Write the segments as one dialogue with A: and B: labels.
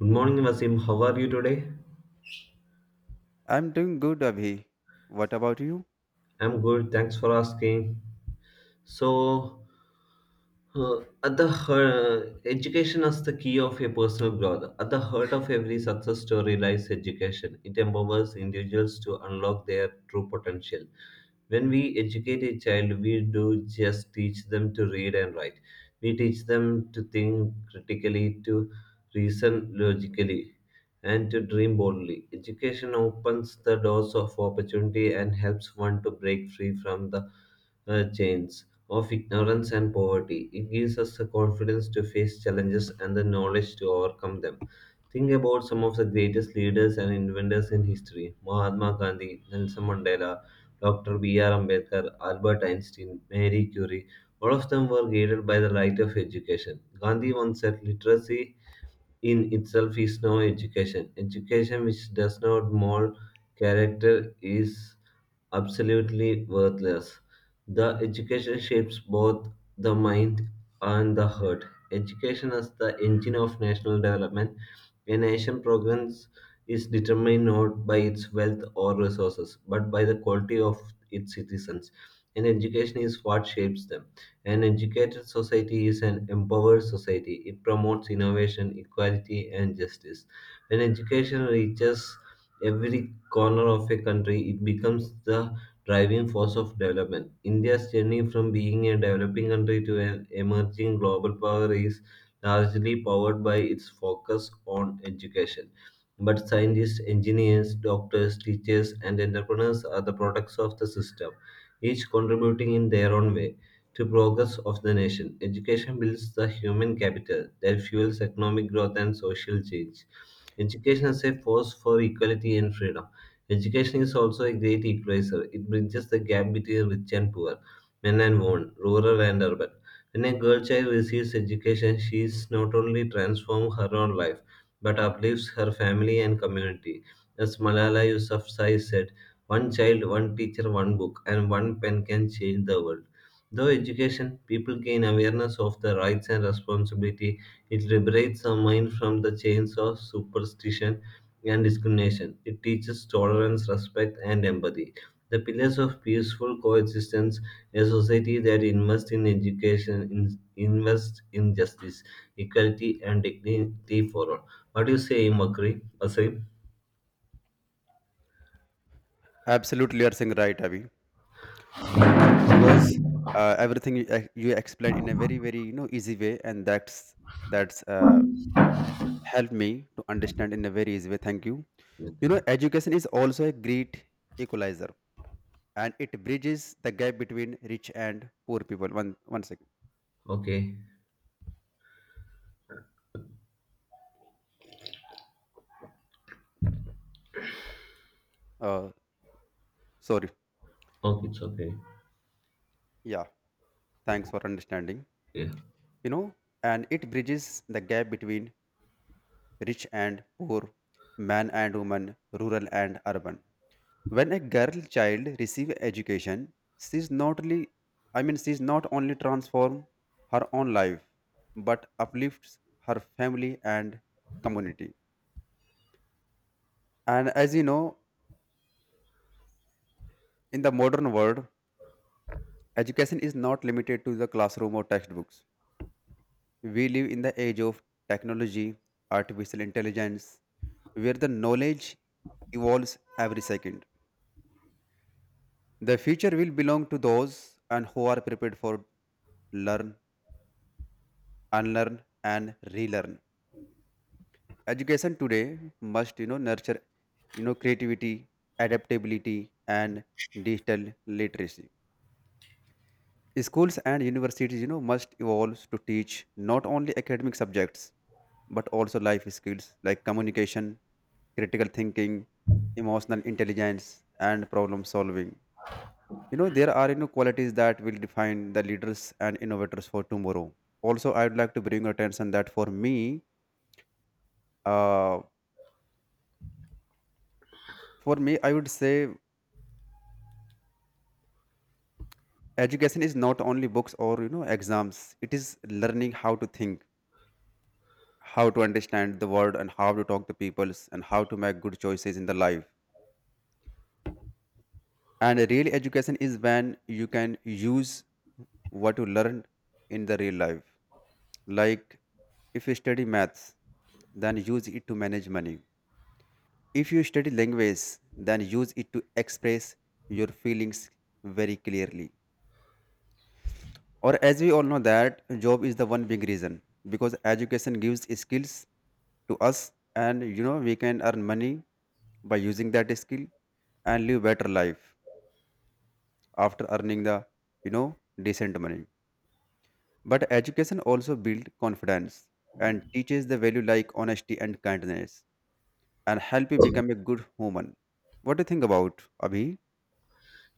A: Good morning, Vasim. How are you today?
B: I'm doing good, Abhi. What about you?
A: I'm good. Thanks for asking. So, at the heart, education is the key of a personal growth. At the heart of every success story lies education. It empowers individuals to unlock their true potential. When we educate a child, we do just teach them to read and write. We teach them to think critically, to reason logically, and to dream boldly. Education opens the doors of opportunity and helps one to break free from the chains of ignorance and poverty. It gives us the confidence to face challenges and the knowledge to overcome them. Think about some of the greatest leaders and inventors in history: Mahatma Gandhi, Nelson Mandela, Dr. B.R. Ambedkar, Albert Einstein, Marie Curie, all of them were guided by the light of education. Gandhi once said literacy in itself is no education. Education which does not mold character is absolutely worthless. The education shapes both the mind and the heart. Education is the engine of national development. A nation progress is determined not by its wealth or resources, but by the quality of its citizens. And education is what shapes them. An educated society is an empowered society. It promotes innovation, equality, and justice. When education reaches every corner of a country, it becomes the driving force of development. India's journey from being a developing country to an emerging global power is largely powered by its focus on education. But scientists, engineers, doctors, teachers, and entrepreneurs are the products of the system, each contributing in their own way to progress of the nation. Education builds the human capital that fuels economic growth and social change. Education is a force for equality and freedom. Education is also a great equalizer. It bridges the gap between rich and poor, men and women, rural and urban. When a girl child receives education, she is not only transforms her own life, but uplifts her family and community. As Malala Yousafzai said, one child, one teacher, one book, and one pen can change the world. Through education, people gain awareness of their rights and responsibility. It liberates the mind from the chains of superstition and discrimination. It teaches tolerance, respect, and empathy. The pillars of peaceful coexistence, a society that invests in invests in justice, equality, and dignity for all. What do you say, Makri? Asim?
B: Absolutely, you are saying right, Abhi. Because everything you, you explained in a very, very easy way, and that's helped me to understand in a very easy way. Thank you. You know,
A: Okay.
B: education is also a great equalizer, and it bridges the gap between rich and poor people. One second.
A: Okay.
B: Uh, sorry.
A: Okay, it's okay.
B: Yeah. Thanks for understanding.
A: Yeah.
B: You know, and it bridges the gap between rich and poor, man and woman, rural and urban. When a girl child receives education, she's not only I mean she's not only transform her own life, but uplifts her family and community. And as you know, in the modern world, education is not limited to the classroom or textbooks. We live in the age of technology, artificial intelligence, where the knowledge evolves every second. The future will belong to those and who are prepared for learn, unlearn, and relearn. Education today must nurture creativity, adaptability, and digital literacy. Schools and universities must evolve to teach not only academic subjects but also life skills like communication, critical thinking, emotional intelligence, and problem solving. There are qualities that will define the leaders and innovators for tomorrow. Also, I would like to bring your attention that uh, for me I would say education is not only books or exams. It is learning how to think, how to understand the world, and how to talk to peoples, and how to make good choices in the life. And a real education is when you can use what you learned in the real life. Like, if you study maths, then use it to manage money. If you study language, then use it to express your feelings very clearly. Or as we all know that job is the one big reason, because education gives skills to us, and we can earn money by using that skill and live better life after earning the decent money. But education also builds confidence and teaches the value like honesty and kindness and help you become a good human. What do you think about, Abhi?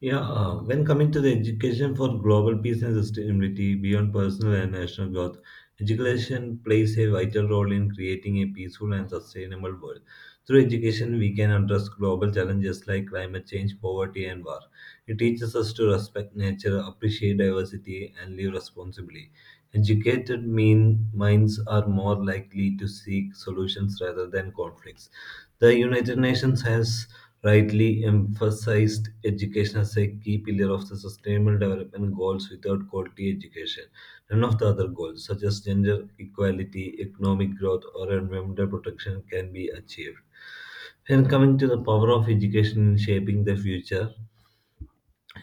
A: Yeah, when coming to the education for global peace and sustainability beyond personal and national growth, education plays a vital role in creating a peaceful and sustainable world. Through education, we can address global challenges like climate change, poverty, and war. It teaches us to respect nature, appreciate diversity, and live responsibly. Educated minds are more likely to seek solutions rather than conflicts. The United Nations has rightly emphasized education as a key pillar of the sustainable development goals without quality education. None of the other goals, such as gender equality, economic growth, or environmental protection, can be achieved. And coming to the power of education in shaping the future,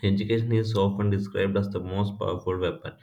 A: education is often described as the most powerful weapon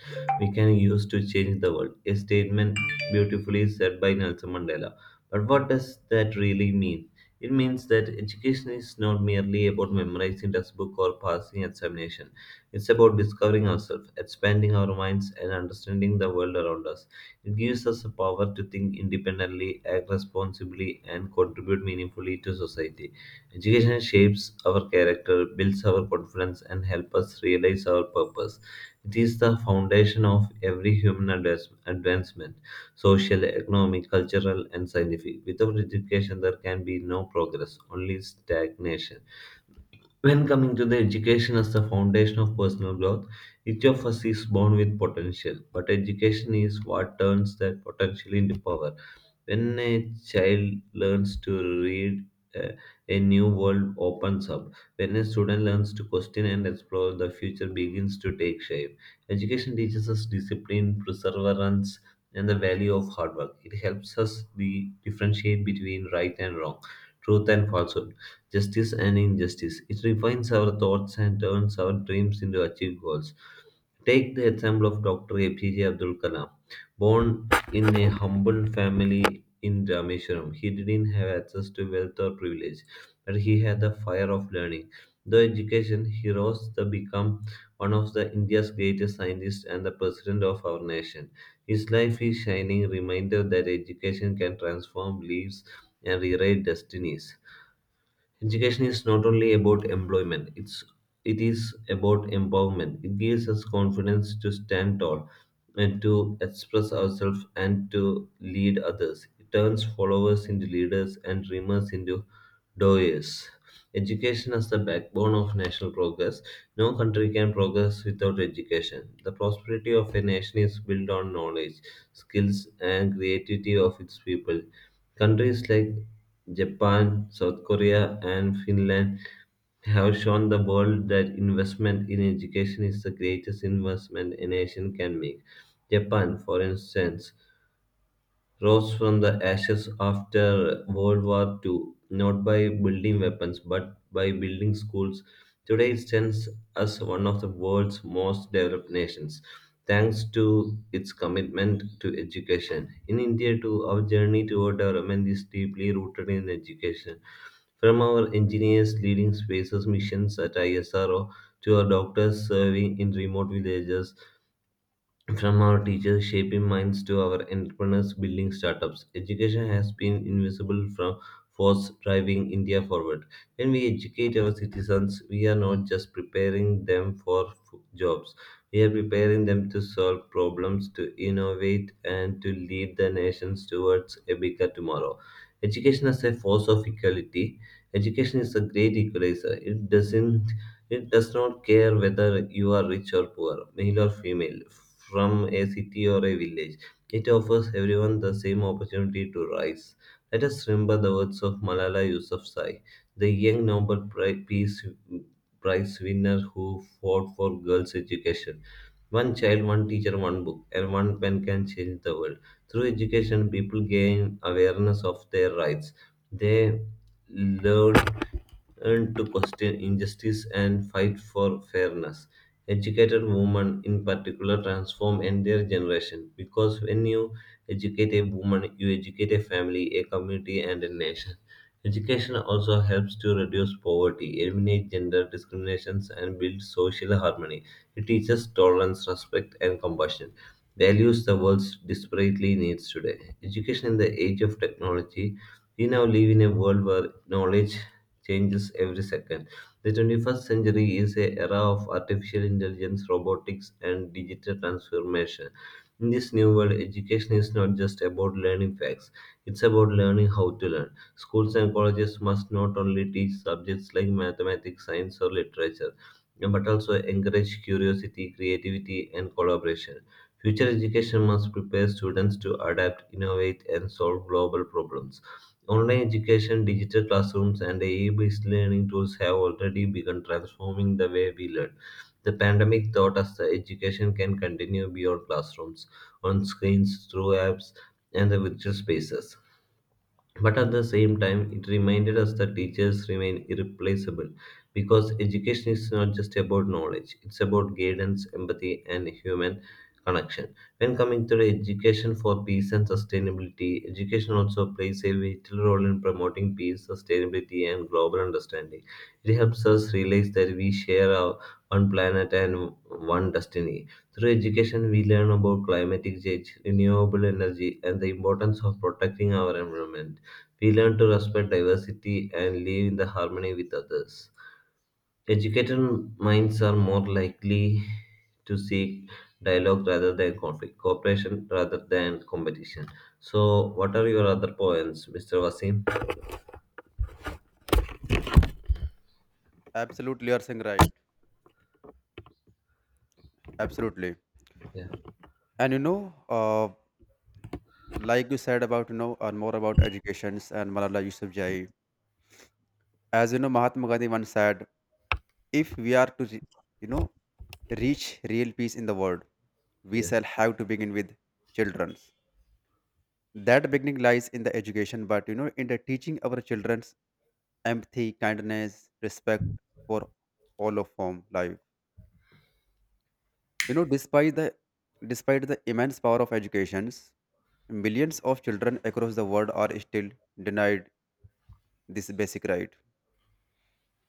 A: we can use to change the world, a statement beautifully said by Nelson Mandela. But what does that really mean? It means that education is not merely about memorizing textbook or passing examination. It's about discovering ourselves, expanding our minds, and understanding the world around us. It gives us the power to think independently, act responsibly, and contribute meaningfully to society. Education shapes our character, builds our confidence, and helps us realize our purpose. It is the foundation of every human advancement: social, economic, cultural, and scientific. Without education, there can be no progress, only stagnation. When coming to the education as the foundation of personal growth, each of us is born with potential, but education is what turns that potential into power. When a child learns to read, uh, a new world opens up. When a student learns to question and explore, the future begins to take shape. Education teaches us discipline, perseverance, and the value of hard work. It helps us differentiate between right and wrong, truth and falsehood, justice and injustice. It refines our thoughts and turns our dreams into achieved goals. Take the example of Dr. APJ Abdul Kalam. Born in a humble family in Rameshwaram, he didn't have access to wealth or privilege, but he had the fire of learning. Though education, he rose to become one of the India's greatest scientists and the president of our nation. His life is shining reminder that education can transform lives and rewrite destinies. Education is not only about employment, it is about empowerment. It gives us confidence to stand tall and to express ourselves and to lead others. It turns followers into leaders and dreamers into doers. Education is the backbone of national progress. No country can progress without education. The prosperity of a nation is built on knowledge, skills, and creativity of its people. Countries like Japan, South Korea, and Finland have shown the world that investment in education is the greatest investment a nation can make. Japan, for instance, rose from the ashes after World War II, not by building weapons but by building schools. Today, it stands as one of the world's most developed nations, thanks to its commitment to education. In India, too, our journey toward development is deeply rooted in education. From our engineers leading spaces missions at ISRO to our doctors serving in remote villages, from our teachers shaping minds to our entrepreneurs building startups, education has been invisible from force driving India forward. When we educate our citizens, we are not just preparing them for jobs. We are preparing them to solve problems, to innovate, and to lead the nations towards a bigger tomorrow. Education is a force of equality. Education is a great equalizer. It does not care whether you are rich or poor, male or female, from a city or a village. It offers everyone the same opportunity to rise. Let us remember the words of Malala Yousafzai, the young Peace Prize winner who fought for girls' education. One child, one teacher, one book, and one pen can change the world. Through education, people gain awareness of their rights. They learn and to question injustice and fight for fairness. Educated women, in particular, transform entire generation because when you educate a woman, you educate a family, a community, and a nation. Education also helps to reduce poverty, eliminate gender discriminations, and build social harmony. It teaches tolerance, respect, and compassion, values the world desperately needs today. Education in the age of technology, we now live in a world where knowledge changes every second. The 21st century is an era of artificial intelligence, robotics, and digital transformation. In this new world, education is not just about learning facts, it's about learning how to learn. Schools and colleges must not only teach subjects like mathematics, science, or literature, but also encourage curiosity, creativity, and collaboration. Future education must prepare students to adapt, innovate, and solve global problems. Online education, digital classrooms, and AI-based learning tools have already begun transforming the way we learn. The pandemic taught us that education can continue beyond classrooms, on screens, through apps, and the virtual spaces. But at the same time, it reminded us that teachers remain irreplaceable because education is not just about knowledge, it's about guidance, empathy, and human connection. When coming to the education for peace and sustainability, education also plays a vital role in promoting peace, sustainability, and global understanding. It helps us realize that we share our one planet and one destiny. Through education, we learn about climatic change, renewable energy, and the importance of protecting our environment. We learn to respect diversity and live in the harmony with others. Educated minds are more likely to seek dialogue rather than conflict, cooperation rather than competition. So, what are your other points, Mr. Wasim?
B: Absolutely, you are saying right. Absolutely.
A: Yeah,
B: And you know, like you said about, you know, and more about educations and Malala Yousafzai, as you know, Mahatma Gandhi once said, if we are to, you know, reach real peace in the world, we
A: yeah,
B: shall have to begin with childrens. That beginning lies in the education, but, you know, in the teaching our children's empathy, kindness, respect for all of form life. You know, despite the immense power of educations, millions of children across the world are still denied this basic right.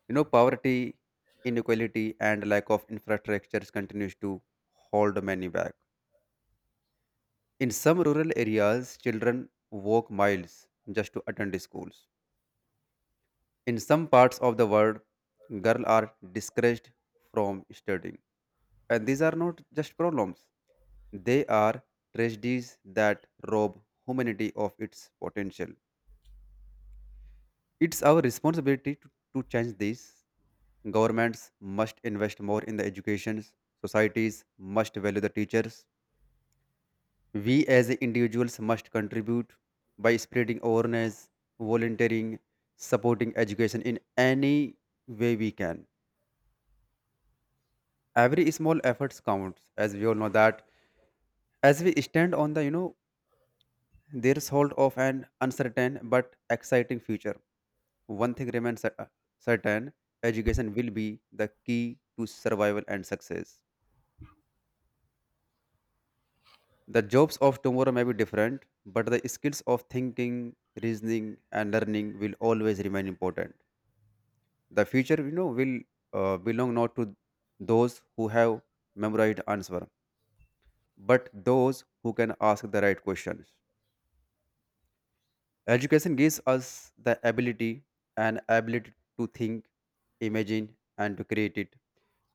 B: You know, poverty, inequality, and lack of infrastructures continues to hold many back. In some rural areas, children walk miles just to attend schools. In some parts of the world, girls are discouraged from studying. And these are not just problems, they are tragedies that rob humanity of its potential. It's our responsibility to change this. Governments must invest more in the educations. Societies must value the teachers. We as individuals must contribute by spreading awareness, volunteering, supporting education in any way we can. Every small effort counts, as we all know that. As we stand on the, you know, threshold of an uncertain but exciting future, one thing remains certain: education will be the key to survival and success. The jobs of tomorrow may be different, but the skills of thinking, reasoning, and learning will always remain important. The future, you know, will belong not to those who have memorized answer, but those who can ask the right questions. Education gives us the ability to think, imagine, and to create it.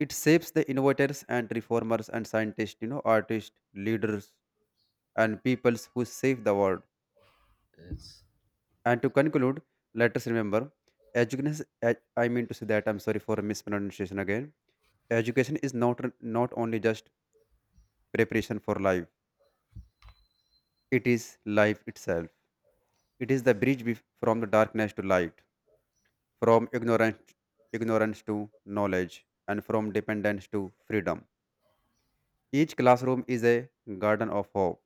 B: It shapes the innovators and reformers and scientists, you know, artists, leaders, and peoples who save the world.
A: yes.
B: And to conclude, let us remember education. I mean to say that I'm sorry for mispronunciation again. Education is not only just preparation for life; it is life itself. It is the bridge from the darkness to light, from ignorance to knowledge, and from dependence to freedom. Each classroom is a garden of hope.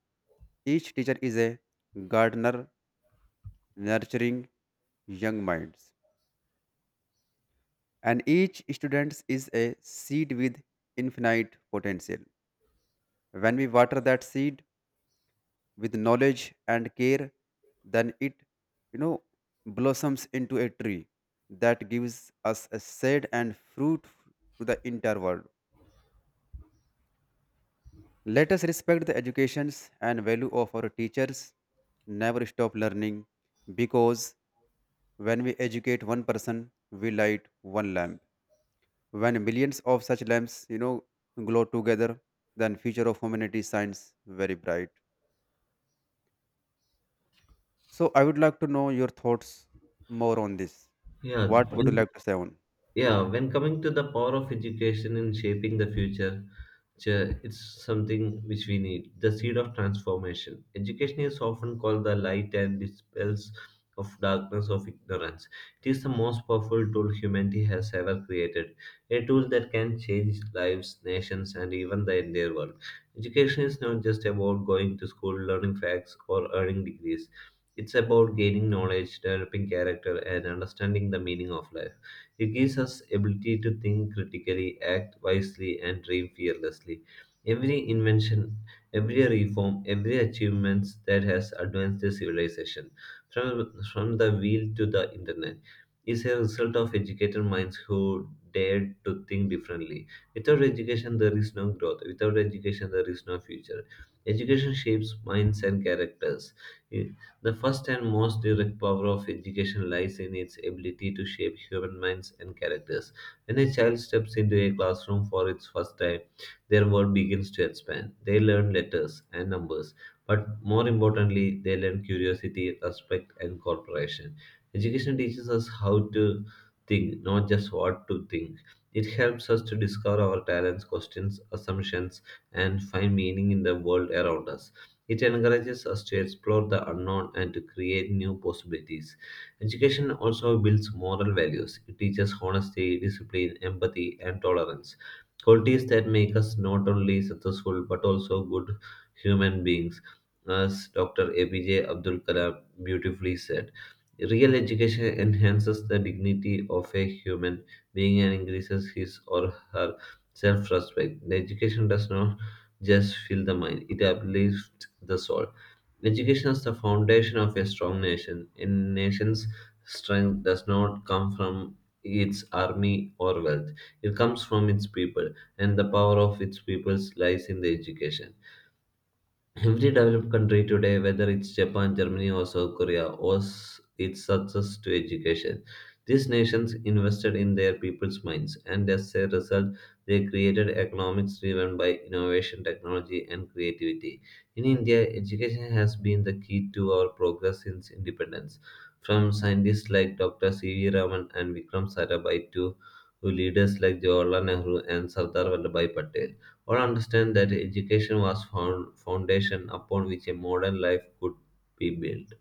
B: Each teacher is a gardener nurturing young minds, and each student is a seed with infinite potential. When we water that seed with knowledge and care, then it, you know, blossoms into a tree that gives us a shade and fruit to the entire world. Let us respect the educations and value of our teachers. Never stop learning, because when we educate one person, we light one lamp. When millions of such lamps, you know, glow together, then future of humanity shines very bright. So I would like to know your thoughts more on this.
A: Yeah,
B: What
A: I
B: would you like to say on?
A: yeah, when coming to the power of education in shaping the future, it's something which we need, the seed of transformation. Education is often called the light and dispels of darkness of ignorance. It is the most powerful tool humanity has ever created, a tool that can change lives, nations, and even the entire world. Education is not just about going to school, learning facts, or earning degrees. It's about gaining knowledge, developing character, and understanding the meaning of life. It gives us ability to think critically, act wisely, and dream fearlessly. Every invention, every reform, every achievement that has advanced the civilization, from the wheel to the internet, is a result of educated minds who dared to think differently. Without education, there is no growth. Without education, there is no future. Education shapes minds and characters. The first and most direct power of education lies in its ability to shape human minds and characters. When a child steps into a classroom for its first time, their world begins to expand. They learn letters and numbers, but more importantly, they learn curiosity, respect, and cooperation. Education teaches us how to think, not just what to think. It helps us to discover our talents, questions, assumptions, and find meaning in the world around us. It encourages us to explore the unknown and to create new possibilities. Education also builds moral values. It teaches honesty, discipline, empathy, and tolerance. Qualities that make us not only successful but also good human beings, as Dr. APJ Abdul Kalam beautifully said. Real education enhances the dignity of a human being and increases his or her self respect. The education does not just fill the mind. It uplifts the soul. Education is the foundation of a strong nation. A nation's strength does not come from its army or wealth. It comes from its people, and the power of its peoples lies in the education. Every developed country today, whether it's Japan, Germany, or South Korea, owes its success to education. These nations invested in their people's minds, and as a result, they created economics driven by innovation, technology, and creativity. In India, education has been the key to our progress since independence. From scientists like Dr. C.V. Raman and Vikram Sarabhai to leaders like Jawaharlal Nehru and Sardar Vallabhai Patel. All understand that education was found foundation upon which a modern life could be built.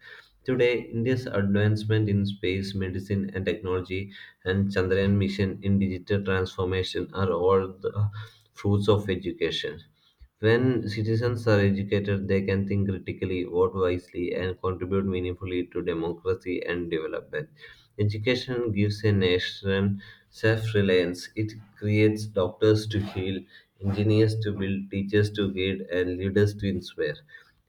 A: Today, India's advancement in space, medicine, and technology, and Chandrayaan mission in digital transformation are all the fruits of education. When citizens are educated, they can think critically, vote wisely, and contribute meaningfully to democracy and development. Education gives a nation self reliance. It creates doctors to heal, engineers to build, teachers to guide, and leaders to inspire.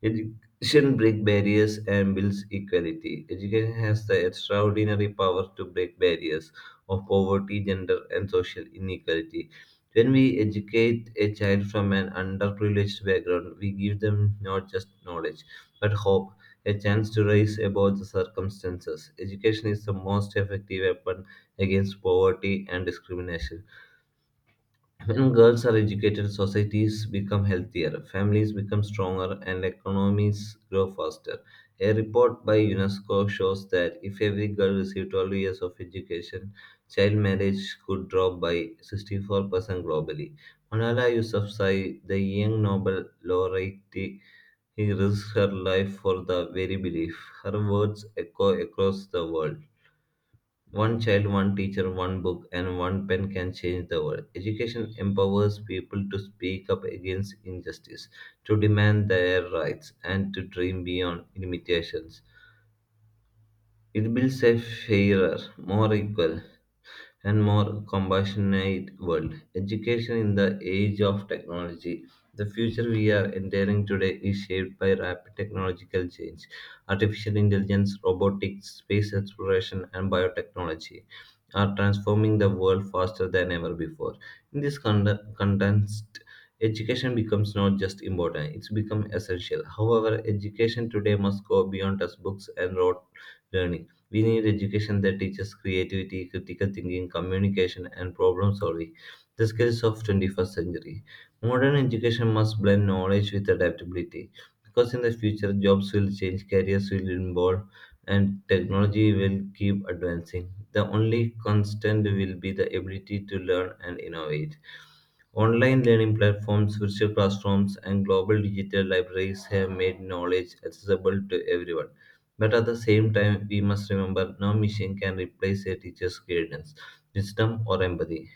A: Edu- Education breaks barriers and builds equality. Education has the extraordinary power to break barriers of poverty, gender, and social inequality. When we educate a child from an underprivileged background, we give them not just knowledge, but hope, a chance to rise above the circumstances. Education is the most effective weapon against poverty and discrimination. When girls are educated, societies become healthier, families become stronger, and economies grow faster. A report by UNESCO shows that if every girl received 12 years of education, child marriage could drop by 64% globally. Malala Yousafzai, the young Nobel laureate, he risked her life for the very belief. Her words echo across the world. One child, one teacher, one book, and one pen can change the world. Education empowers people to speak up against injustice, to demand their rights, and to dream beyond limitations. It builds a fairer, more equal, and more compassionate world. Education in the age of technology. The future we are entering today is shaped by rapid technological change, artificial intelligence, robotics, space exploration, and biotechnology are transforming the world faster than ever before. In this context, education becomes not just important, it's become essential. However, education today must go beyond textbooks and rote learning. We need education that teaches creativity, critical thinking, communication, and problem solving, the skills of 21st century. Modern education must blend knowledge with adaptability because in the future jobs will change, careers will evolve, and technology will keep advancing. The only constant will be the ability to learn and innovate. Online learning platforms, virtual classrooms, and global digital libraries have made knowledge accessible to everyone. But at the same time, we must remember no machine can replace a teacher's guidance, wisdom, or empathy.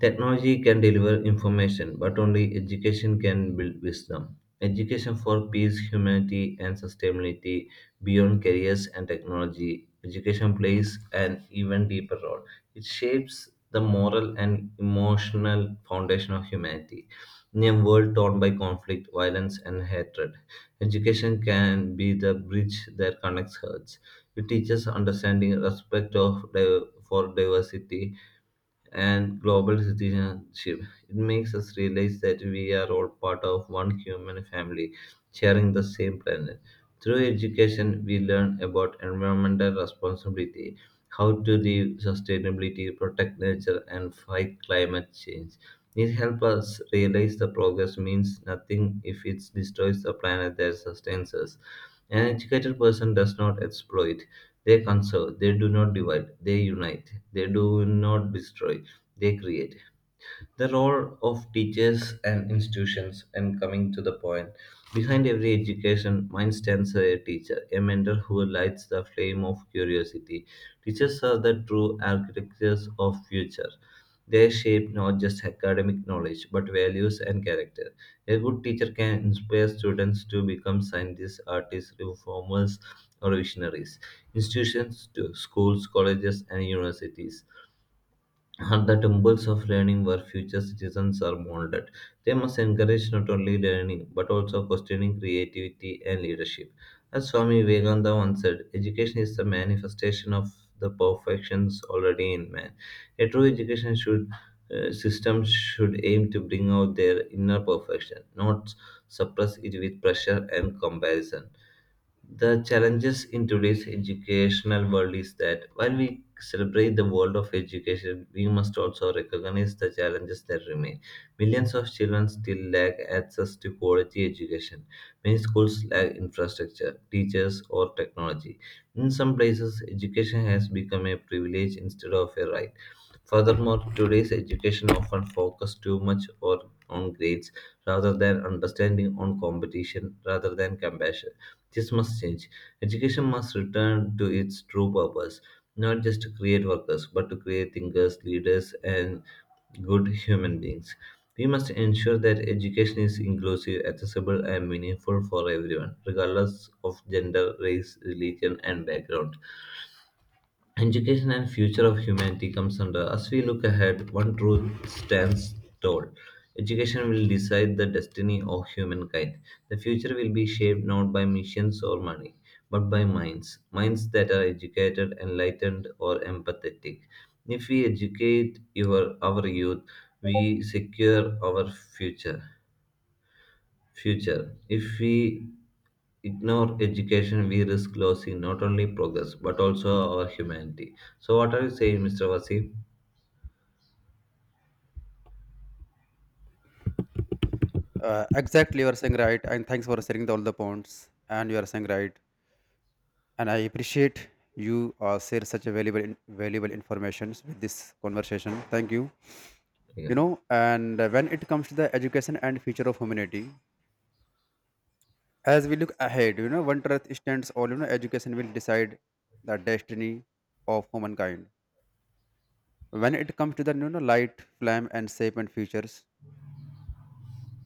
A: Technology can deliver information, but only education can build wisdom. Education for peace, humanity, and sustainability beyond careers and technology. Education plays an even deeper role. It shapes the moral and emotional foundation of humanity. In a world torn by conflict, violence, and hatred, education can be the bridge that connects hearts. It teaches understanding, respect of for diversity, and global citizenship. It makes us realize that we are all part of one human family, sharing the same planet. Through education, we learn about environmental responsibility, how to live sustainability, protect nature, and fight climate change. It helps us realize the progress means nothing if it destroys the planet that sustains us. An educated person does not exploit, they conserve, they do not divide, they unite, they do not destroy they create. The role of teachers and institutions, and coming to the point, behind every education, mind stands a teacher, a mentor who lights the flame of curiosity. Teachers are the true architects of future. They shape not just academic knowledge, but values and character. A good teacher can inspire students to become scientists, artists, reformers, or visionaries. Institutions to schools, colleges, and universities at the temples of learning where future citizens are molded, they must encourage not only learning but also questioning creativity and leadership. As Swami Vivekananda once said, education is the manifestation of the perfections already in man. A true education should system should aim to bring out their inner perfection, not suppress it with pressure and comparison. The challenges in today's educational world is that while we celebrate the world of education, we must also recognize the challenges that remain. Millions of children still lack access to quality education. Many schools lack infrastructure, teachers, or technology. In some places, education has become a privilege instead of a right. Furthermore, today's education often focuses too much on grades rather than understanding on competition rather than compassion. This must change. Education must return to its true purpose, not just to create workers, but to create thinkers, leaders, and good human beings. We must ensure that education is inclusive, accessible, and meaningful for everyone, regardless of gender, race, religion, and background. Education and future of humanity comes under. As we look ahead, one truth stands tall. Education will decide the destiny of humankind. The future will be shaped not by missions or money, but by minds. Minds that are educated, enlightened, or empathetic. If we educate our youth, we secure our future. If we ignore education, we risk losing not only progress but also our humanity. So, what are you saying, Mr. Wasif?
B: Exactly, you are saying right, and thanks for sharing the, all the points. And you are saying right, and I appreciate you share such a valuable, valuable information with this conversation. Thank you.
A: Yeah.
B: You know, and when it comes to the education and future of humanity, as we look ahead, you know, one truth stands all, you know, education will decide the destiny of humankind. When it comes to the light, flame and shape and features.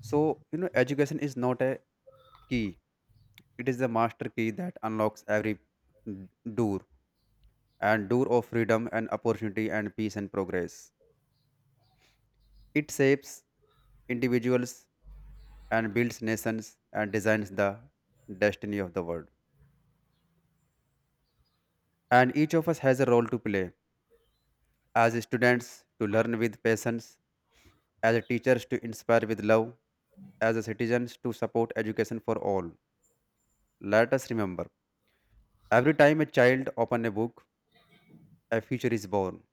B: So, you know, education is not a key. It is the master key that unlocks every door door of freedom and opportunity and peace and progress. It shapes individuals and builds nations and designs the destiny of the world. And each of us has a role to play, as students to learn with patience, as teachers to inspire with love, as citizens to support education for all. Let us remember, every time a child opens a book, a future is born.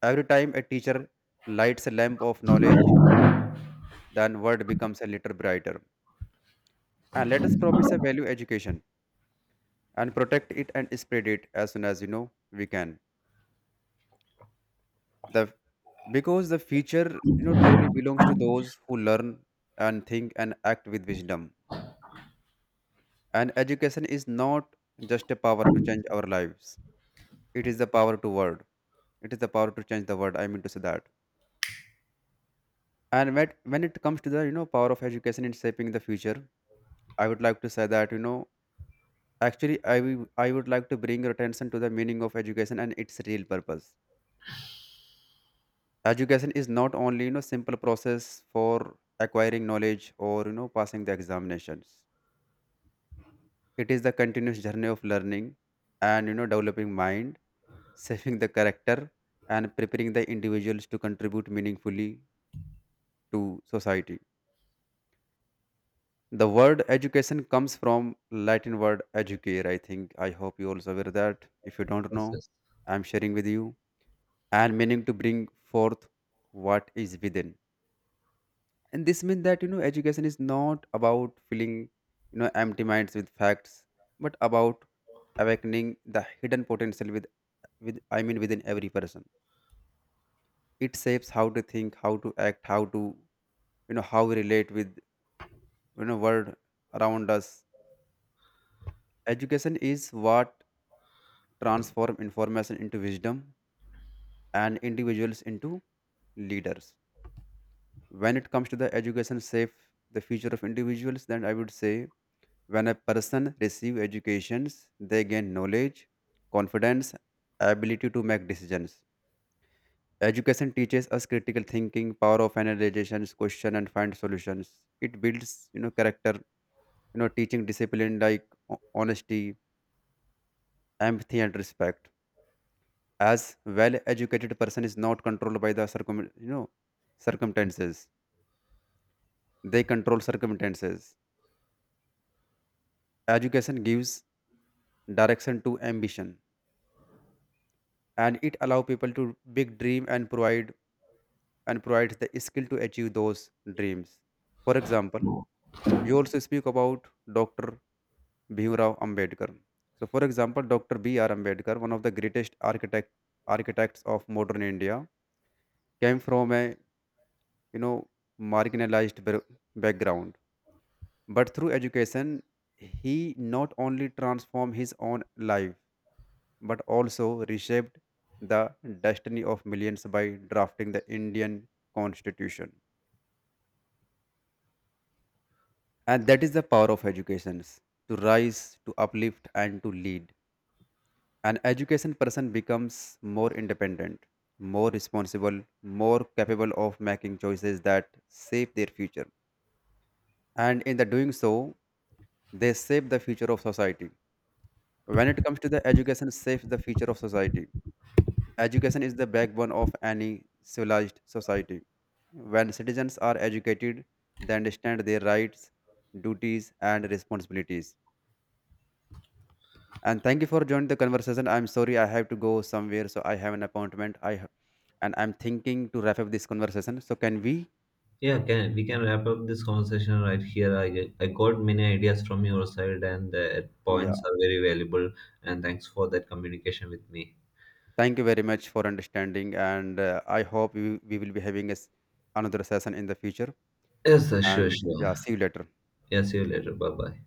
B: Every time a teacher lights a lamp of knowledge, then world becomes a little brighter. And let us promise a value education and protect it and spread it as soon as we can. The because the future, you know, truly belongs to those who learn and think and act with wisdom. And education is not just a power to change our lives. It is the power to word. It is the power to change the world. I mean to say that. And when it comes to the power of education in shaping the future, I would like to say that you know actually I would like to bring your attention to the meaning of education and its real purpose. Education is not only simple process for acquiring knowledge or passing the examinations. It is the continuous journey of learning and developing mind, shaping the character, and preparing the individuals to contribute meaningfully to society. The word education comes from Latin word educare, I think. I hope you also aware that. If you don't
A: Yes,
B: know,
A: yes.
B: I'm sharing with you. And meaning to bring forth what is within. And this means that you know education is not about filling empty minds with facts, but about awakening the hidden potential with I mean within every person. It shapes how to think, how to act, how to how we relate with world around us. Education is what transform information into wisdom and individuals into leaders. When it comes to the education shape the future of individuals, then I would say, when a person receive educations, they gain knowledge, confidence, ability to make decisions. Education teaches us critical thinking, power of analyzation, question and find solutions. It builds, you know, character, teaching discipline like honesty, empathy, and respect. As well educated person is not controlled by the you know circumstances, they control circumstances. Education gives direction to ambition, and it allow people to big dream, and provides the skill to achieve those dreams. For example, you also speak about Dr. Bhimrao Ambedkar. So for example, Dr. B R Ambedkar, one of the greatest architects of modern India, came from a you know marginalized background, but through education, he not only transformed his own life, but also reshaped the destiny of millions by drafting the Indian constitution. And that is the power of education, to rise, to uplift, and to lead. An education person becomes more independent, more responsible, more capable of making choices that shape their future, and in the doing so, they shape the future of society. When it comes to the education, shapes the future of society. Education is the backbone of any civilized society. When citizens are educated, they understand their rights, duties, and responsibilities. And thank you for joining the conversation. I'm sorry I have to go somewhere, so I have an appointment. I ha- and I'm thinking to wrap up this conversation. So can we?
A: Yeah, can we can wrap up this conversation right here. I got many ideas from your side, and the points
B: Yeah.
A: are very valuable. And thanks for that communication with me.
B: Thank you very much for understanding, and I hope we will be having a, another session in the future.
A: Yes, sir, sure,
B: And
A: sure.
B: yeah, see you later.
A: Yeah, see you later. Bye bye.